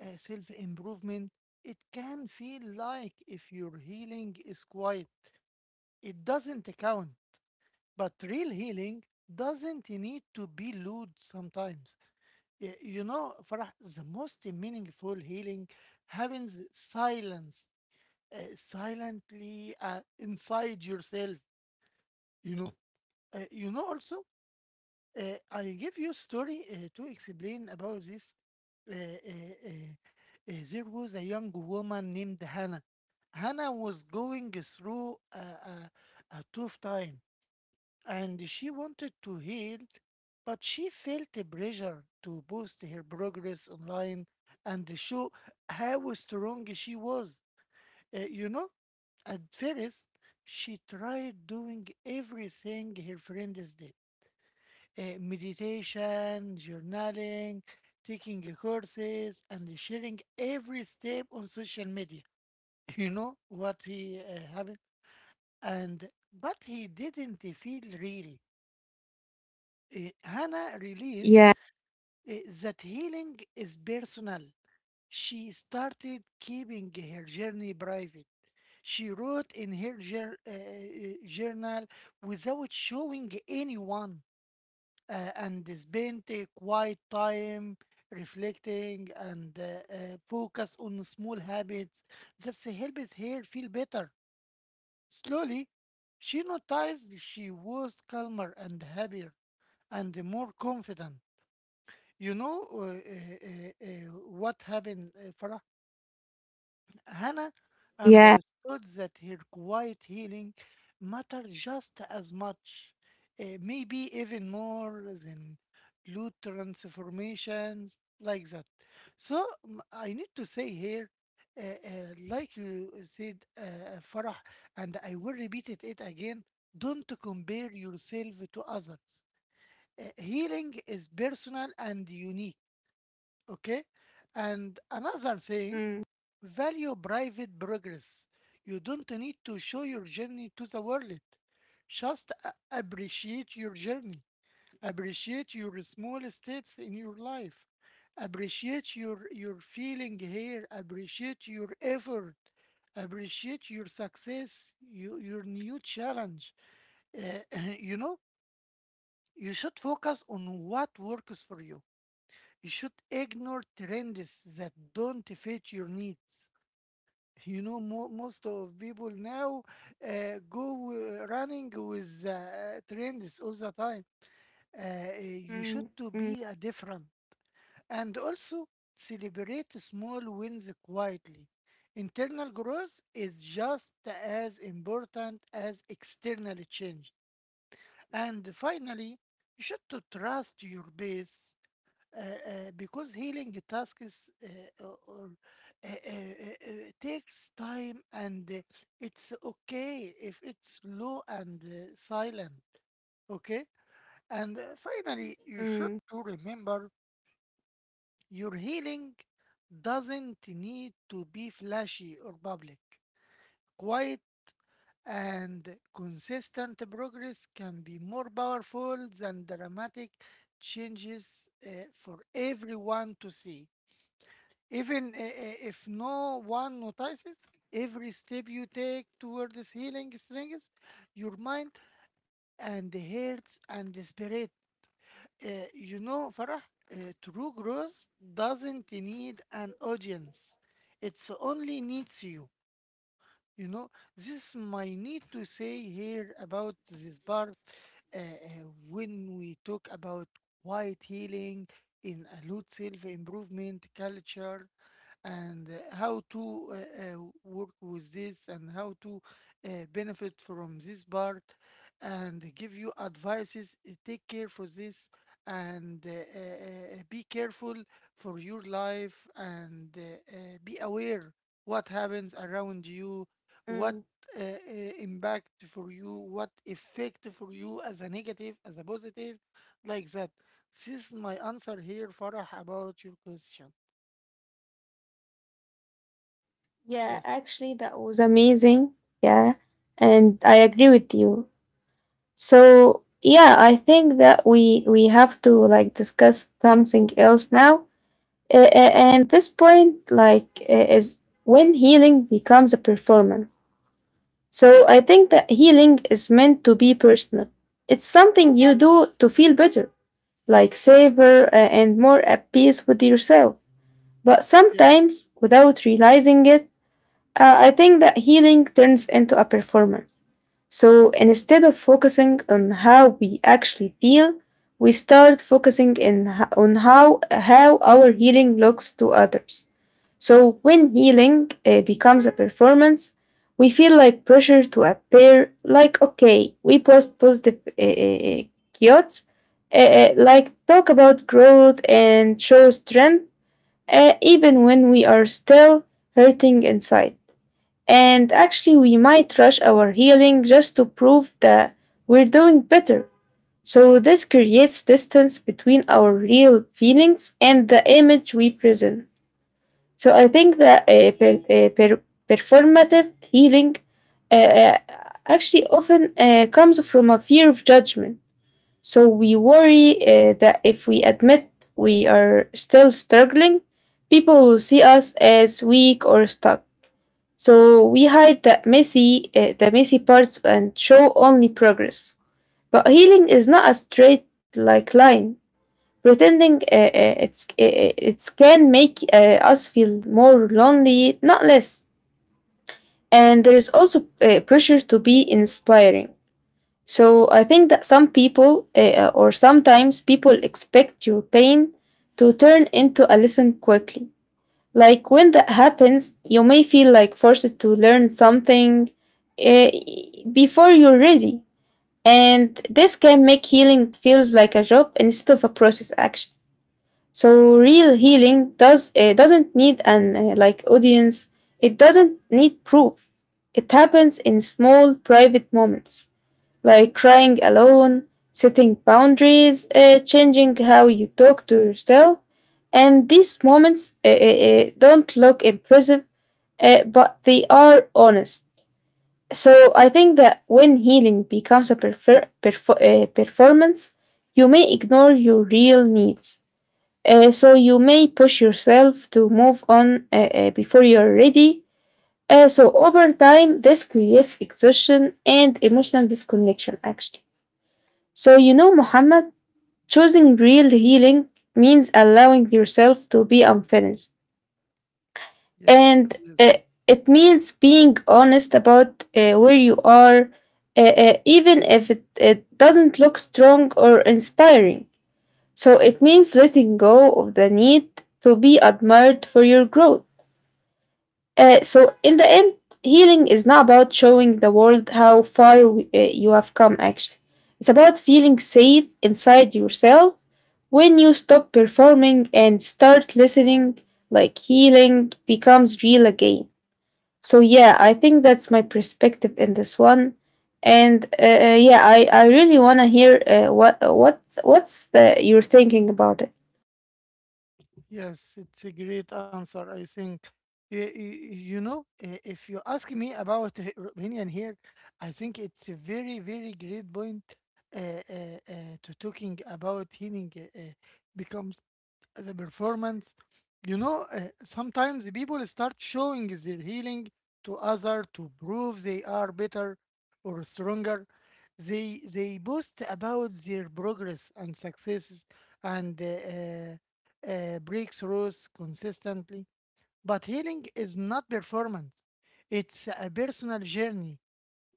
S2: uh, self improvement. It can feel like if your healing is quiet, it doesn't count. But real healing doesn't need to be loud sometimes. Y- You know, Farah, the most meaningful healing happens silence, uh, silently uh, inside yourself, you know. Uh, you know, also, Uh, I give you story uh, to explain about this. Uh, uh, uh, uh, there was a young woman named Hannah. Hannah was going through a, a, a tough time, and she wanted to heal, but she felt the pressure to post her progress online and show how strong she was. Uh, you know, at first, she tried doing everything her friends did: uh, meditation, journaling, taking uh, courses, and sharing every step on social media. You know what he uh, happened, and but he didn't feel real. Uh, Hannah realized
S1: Yeah,
S2: uh, that healing is personal. She started keeping her journey private. She wrote in her jour- uh, uh, journal without showing anyone, uh, and spent a quiet time reflecting, and uh, uh, focus on small habits that helped her feel better. Slowly, she noticed she was calmer and happier and more confident. You know uh, uh, uh, uh, what happened, uh, Farah? Hannah
S1: yeah.
S2: understood that her quiet healing mattered just as much, eh, maybe even more than loot transformations like that. So m- I need to say here, eh, eh, like you said, uh, Farah, and I will repeat it, it again: don't compare yourself to others. Eh, healing is personal and unique, okay? And another thing,
S1: Mm,
S2: value private progress. You don't need to show your journey to the world. Just a- appreciate your journey. Appreciate your small steps in your life. Appreciate your, your feeling here. Appreciate your effort. Appreciate your success, you, your new challenge. Uh, you know, you should focus on what works for you. You should ignore trends that don't fit your needs. You know, mo most of people now uh, go uh, running with uh, trends all the time. Uh, you should
S1: mm,
S2: to be
S1: mm,
S2: a different and also celebrate small wins quietly. Internal growth is just as important as external change. And finally, you should to trust your base uh, uh, because healing tasks uh, or or, uh, uh, uh, uh, takes time and uh, it's okay if it's low and uh, silent. Okay. And uh, finally you
S1: mm,
S2: should to remember your healing doesn't need to be flashy or public, quiet and consistent progress can be more powerful than dramatic changes uh, for everyone to see. Even i- i- if no one notices, every step you take toward this healing strengthens your mind and the hearts and the spirit. Uh, you know, Farah, uh, true growth doesn't need an audience. It only needs you. You know, this is my need to say here about this part uh, uh, when we talk about quiet healing in a lot self improvement culture and uh, how to uh, uh, work with this and how to uh, benefit from this part and give you advices uh, take care for this and uh, uh, uh, be careful for your life and uh, uh, be aware what happens around you, what
S1: mm.
S2: uh, uh, impact for you, what effect for you, as a negative, as a positive, like that. This is my answer here, Farah, about your question.
S1: Yeah,
S2: Yes.
S1: actually, that was amazing. Yeah, and I agree with you. So, yeah, I think that we we have to like discuss something else now. Uh, uh, and this point, like, uh, is when healing becomes a performance. So, I think that healing is meant to be personal. It's something you do to feel better, like savor uh, and more at peace with yourself. But
S2: Yes,
S1: sometimes, without realizing it uh, I think that healing turns into a performance. So instead of focusing on how we actually feel, we start focusing in ho- on how how our healing looks to others. So when healing uh, becomes a performance, we feel like pressure to appear like okay, we post positive uh, uh, quotes, uh, uh, like talk about growth and show strength, uh, even when we are still hurting inside. And actually, we might rush our healing just to prove that we're doing better. So, this creates distance between our real feelings and the image we present. So, I think that uh, per- uh, per- performative healing uh, uh, actually often uh, comes from a fear of judgment. So, we worry uh, that if we admit we are still struggling, people will see us as weak or stuck. So we hide the messy, uh, the messy parts and show only progress. But healing is not a straight like line. Pretending uh, uh, it's uh, it can make uh, us feel more lonely, not less. And there is also uh, pressure to be inspiring. So I think that some people uh, or sometimes people expect your pain to turn into a lesson quickly. Like when that happens, you may feel like forced to learn something eh, before you're ready. And this can make healing feels like a job instead of a process action. So real healing does eh, doesn't need an eh, like audience. It doesn't need proof. It happens in small private moments like crying alone, setting boundaries, uh, changing how you talk to yourself. And these moments uh, uh, uh, don't look impressive, uh, but they are honest. So I think that when healing becomes a perfer- perfo- uh, performance, you may ignore your real needs. Uh, so you may push yourself to move on uh, uh, before you're ready. Uh, so over time, this creates exhaustion and emotional disconnection, actually. So, you know, Muhammad, choosing real healing means allowing yourself to be unfinished.
S2: yes,
S1: And uh,
S2: yes,
S1: it means being honest about uh, where you are, uh, uh, even if it, it doesn't look strong or inspiring. So, it means letting go of the need to be admired for your growth. Uh, so, in the end, healing is not about showing the world how far uh, you have come, actually. It's about feeling safe inside yourself When you stop performing and start listening, like healing becomes real again. So yeah, I think that's my perspective in this one. And uh, uh, yeah, I, I really want to hear uh, what what what's the you're thinking about it.
S2: yes. It's a great answer, I think. You, you know, uh, if you ask me about uh, Romanian here, I think it's a very, very great point uh, uh, uh, to talking about healing uh, uh, becomes the performance. You know, uh, sometimes the people start showing their healing to other to prove they are better or stronger. They they boast about their progress and successes and uh, uh, uh, breakthroughs consistently. But healing is not performance; it's a personal journey.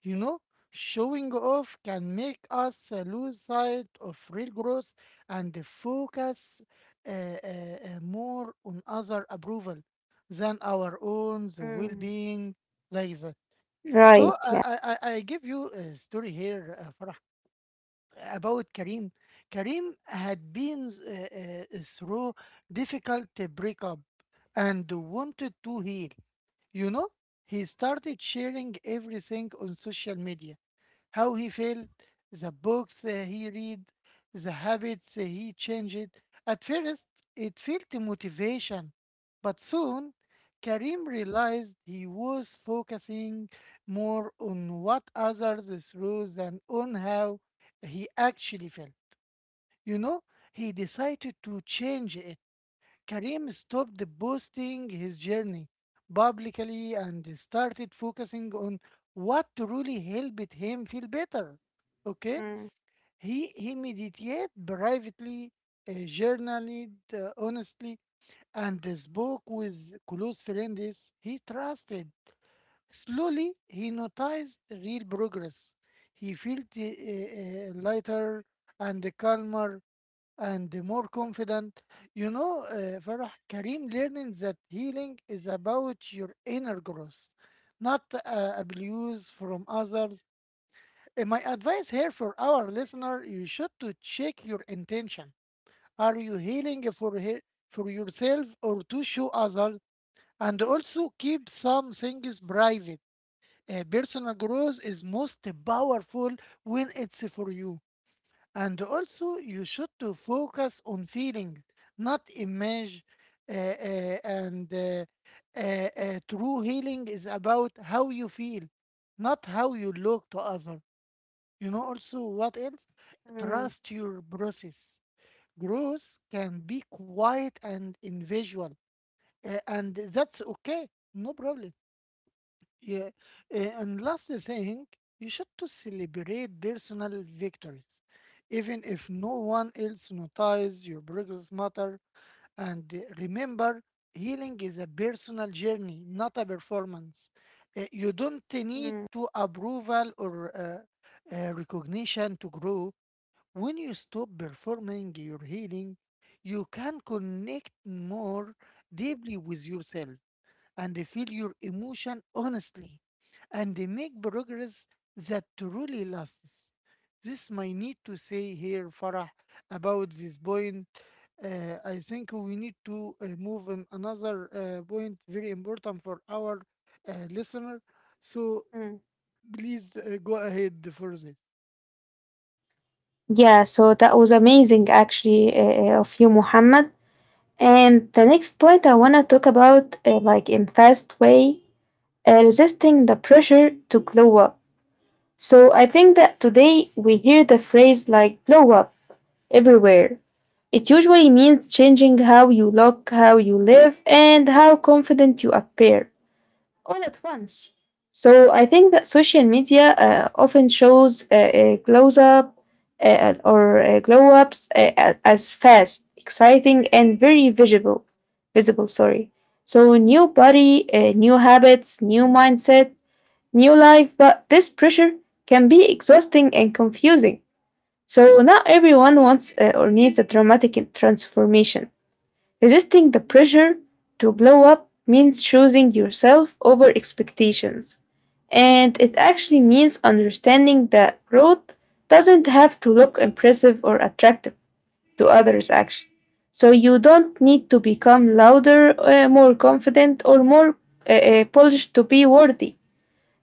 S2: You know, showing off can make us uh, lose sight of real growth and focus uh, uh, uh, more on other approval than our own the
S1: Mm,
S2: well-being, like that. So
S1: Right.
S2: I,
S1: Yeah.
S2: I, I I give you a story here, uh, Farah, about Karim. Karim had been uh, uh, uh, through difficult breakup and wanted to heal. You know, he started sharing everything on social media, how he felt, the books uh, he read, the habits uh, he changed. At first, it felt motivation, but soon Karim realized he was focusing more on what others through than on how he actually fell. You know, he decided to change it. Karim stopped boasting his journey publicly and started focusing on what truly helped him feel better. Okay?
S1: Mm,
S2: He, he meditated privately, uh, journaled uh, honestly, and spoke with close friends he trusted. Slowly, he noticed real progress. He felt uh, uh, lighter and calmer and more confident. You know, uh, Farah, Karim learning that healing is about your inner growth, not uh, abuse from others. Uh, my advice here for our listener, you should to check your intention. Are you healing for he- for yourself or to show others? And also keep some things private, uh, personal growth is most powerful when it's for you. And also, you should to focus on feeling, not image. Uh, uh, and uh, uh, uh, true healing is about how you feel, not how you look to other. You know, also what else?
S1: mm,
S2: Trust your process. Growth can be quiet and invisible, uh, and that's okay. No problem. Yeah, eh, and last thing, you should to celebrate personal victories, even if no one else notices your progress matter. And eh, remember, healing is a personal journey, not a performance. Eh, you don't need
S1: mm,
S2: to approval or uh, uh, recognition to grow. When you stop performing your healing, you can connect more deeply with yourself and feel your emotion honestly and make progress that truly lasts. This might need to say here, Farah, about this point. Uh, I think we need to uh, move on another uh, point very important for our uh, listener. So
S1: mm.
S2: please uh, go ahead for this.
S1: Yeah, so that was amazing actually uh, uh, of you, Muhammad. And the next point I want to talk about, uh, like in fast way, uh, resisting the pressure to glow up. So I think that today we hear the phrase like glow up everywhere. It usually means changing how you look, how you live, and how confident you appear all at once. So I think that social media uh, often shows uh, uh, glows up uh, or uh, glow ups uh, a- as fast, exciting, and very visible. Visible, sorry. So new body, uh, new habits, new mindset, new life, but this pressure can be exhausting and confusing. So, not everyone wants uh, or needs a dramatic transformation. Resisting the pressure to blow up means choosing yourself over expectations. And it actually means understanding that growth doesn't have to look impressive or attractive to others, actually. So, you don't need to become louder, uh, more confident, or more uh, uh, polished to be worthy.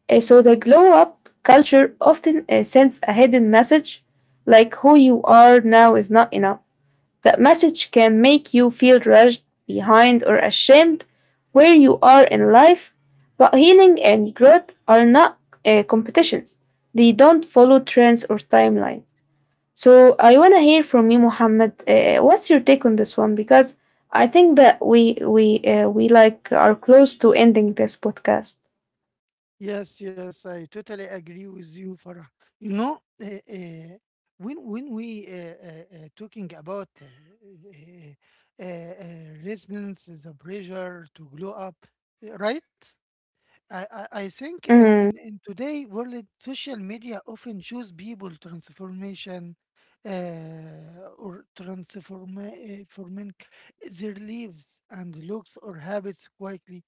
S1: Uh, so the glow up culture often uh, sends a hidden message like who you are now is not enough. That message can make you feel rushed, behind, or ashamed where you are in life. But healing and growth are not uh, competitions, they don't follow trends or timelines. So I want to hear from you, Muhammad. Uh, what's your take on this one? Because I think that we we uh, we like are close to ending this podcast.
S2: Yes, yes, I totally agree with you, Farah. You know, uh, uh, when when we uh, uh, uh, talking about uh, uh, uh, uh, resonance, the pressure to glow up, uh, right? I, I, I think in,
S1: Mm,
S2: in, in today world, social media often shows people transformation uh, or transform uh, forming their lives and looks or habits quickly.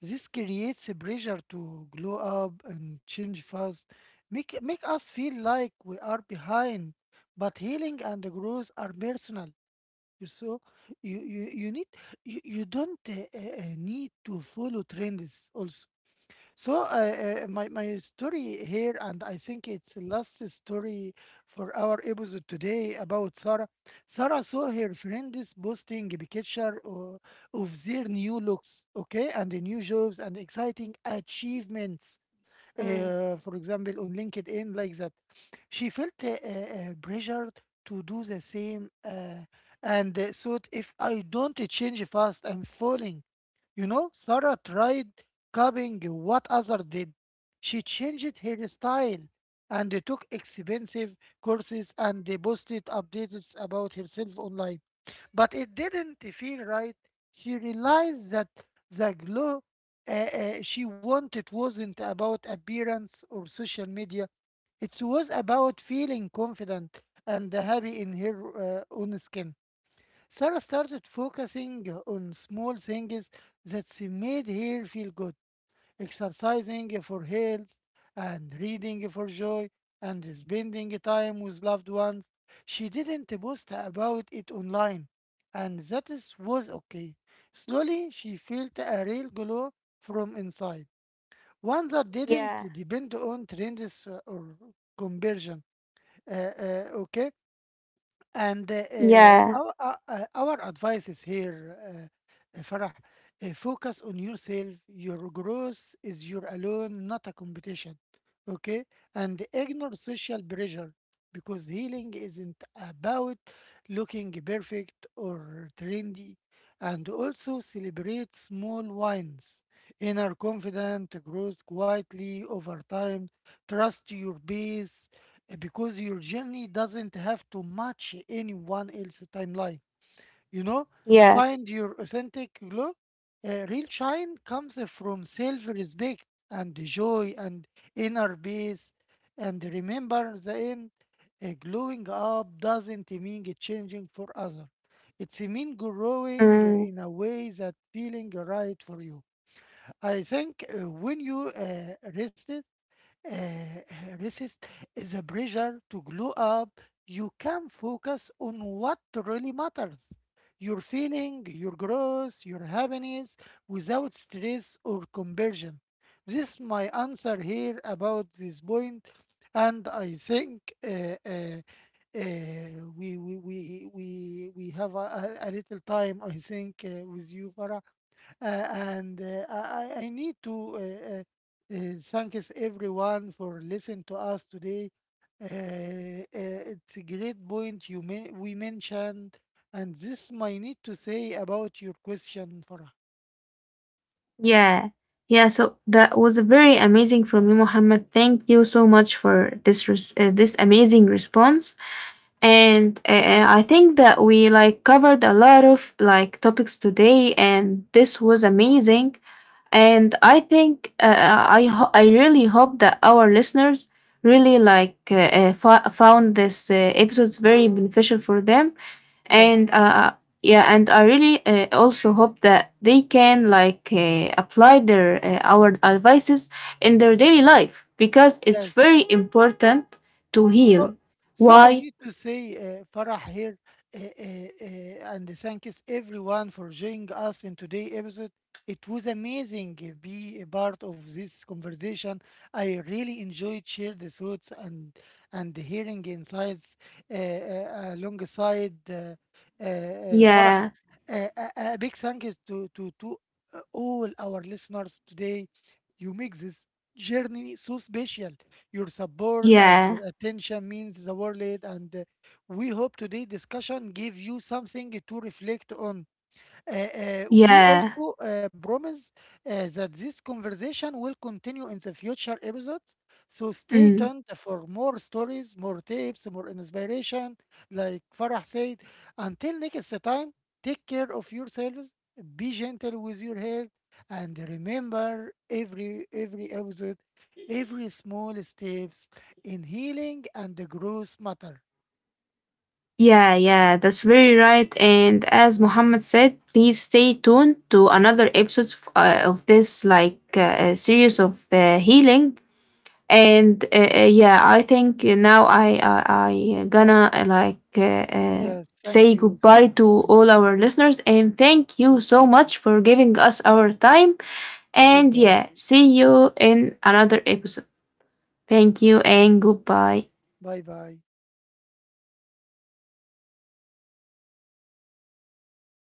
S2: This creates a pressure to glow up and change fast, make, make us feel like we are behind. But healing and growth are personal. You so you, you, you need you, you don't uh, uh, uh, need to follow trends also, so uh, uh, my my story here, and I think it's the last story for our episode today about Sarah. Sarah saw her friends posting a picture o- of their new looks, okay, and the new jobs and exciting achievements.
S1: mm,
S2: Uh, for example, on LinkedIn, like that, she felt uh, uh, pressured to do the same, uh, and uh, thought, if I don't change fast, I'm falling. You know, Sarah tried copying what others did. She changed her style and took expensive courses and posted updates about herself online. But it didn't feel right. She realized that the glow uh, uh, she wanted wasn't about appearance or social media. It was about feeling confident and happy in her uh, own skin. Sarah started focusing on small things that made her feel good, exercising for health and reading for joy and spending time with loved ones. She didn't post about it online, and that is, was okay. Slowly, she felt a real glow from inside, one that didn't
S1: yeah,
S2: depend on trends or conversion. Uh, uh, okay, and uh, uh,
S1: yeah,
S2: our, uh, uh, our advice is here, uh, uh, Farah, uh, focus on yourself. Your growth is your alone, not a competition. Okay? And ignore social pressure because healing isn't about looking perfect or trendy. And also celebrate small wins. Inner confidence grows quietly over time. Trust your base uh, because your journey doesn't have to match anyone else's timeline. You know,
S1: yeah,
S2: find your authentic glow. Uh, real shine comes from self respect and joy and inner peace. And remember, the end uh, glowing up doesn't mean changing for others. It's mean growing
S1: mm,
S2: in a way that feeling right for you. I think uh, when you uh, rest uh, resist the pressure to glow up, you can focus on what really matters, your feeling, your growth, your happiness without stress or conversion. This is my answer here about this point, and I think uh, uh, uh, we, we, we, we, we have a, a a little time, I think, uh, with you, Farah, uh, and uh, I, I I need to uh, uh, uh, thanks everyone for listening to us today. Uh, uh, it's a great point you may, we mentioned, and this might need to say about your question, Farah.
S1: yeah, yeah. So that was a very amazing from you, Muhammad. Thank you so much for this res- uh, this amazing response. And uh, uh, I think that we like covered a lot of like topics today, and this was amazing. And I think uh, uh, I ho- I really hope that our listeners really like uh, uh, fo- found this uh, episodes very beneficial for them
S2: Yes,
S1: and uh, yeah and I really uh, also hope that they can like uh, apply their uh, our advices in their daily life because it's
S2: yes,
S1: very important to
S2: So,
S1: heal
S2: so I
S1: why
S2: need to say, uh, Farah here, uh, uh, uh, and thanks everyone for joining us in today's episode. It was amazing to be a part of this conversation. I really enjoyed sharing the thoughts and and hearing insights uh, uh, alongside uh, uh, uh, Farah.
S1: yeah
S2: A, a, a big thank you to, to, to uh, all our listeners today. You make this journey so special. Your support and your
S1: yeah
S2: attention means the world. And uh, we hope today's discussion gave you something to reflect on. Uh, uh, we
S1: yeah
S2: also uh, promise uh, that this conversation will continue in the future episodes. So stay
S1: mm.
S2: tuned for more stories, more tips, more inspiration. Like Farah said, until next time, take care of yourselves, be gentle with your hair, and remember every every episode, every small steps in healing and the growth matter.
S1: Yeah, yeah,
S2: Yes,
S1: that's very right. And as Muhammad said, please stay tuned to another episode of, uh, of this like uh, uh, series of uh, healing. And uh, uh, yeah, I think uh, now I I, I gonna uh, like uh, uh,
S2: yes, thank
S1: say
S2: you,
S1: goodbye
S2: Farah.
S1: to
S2: Thank
S1: all
S2: you.
S1: our listeners and thank you so
S2: Okay,
S1: much for giving us our time. And yeah,
S2: goodbye.
S1: see you in another episode. Thank you and
S2: Bye.
S1: goodbye.
S2: Bye bye.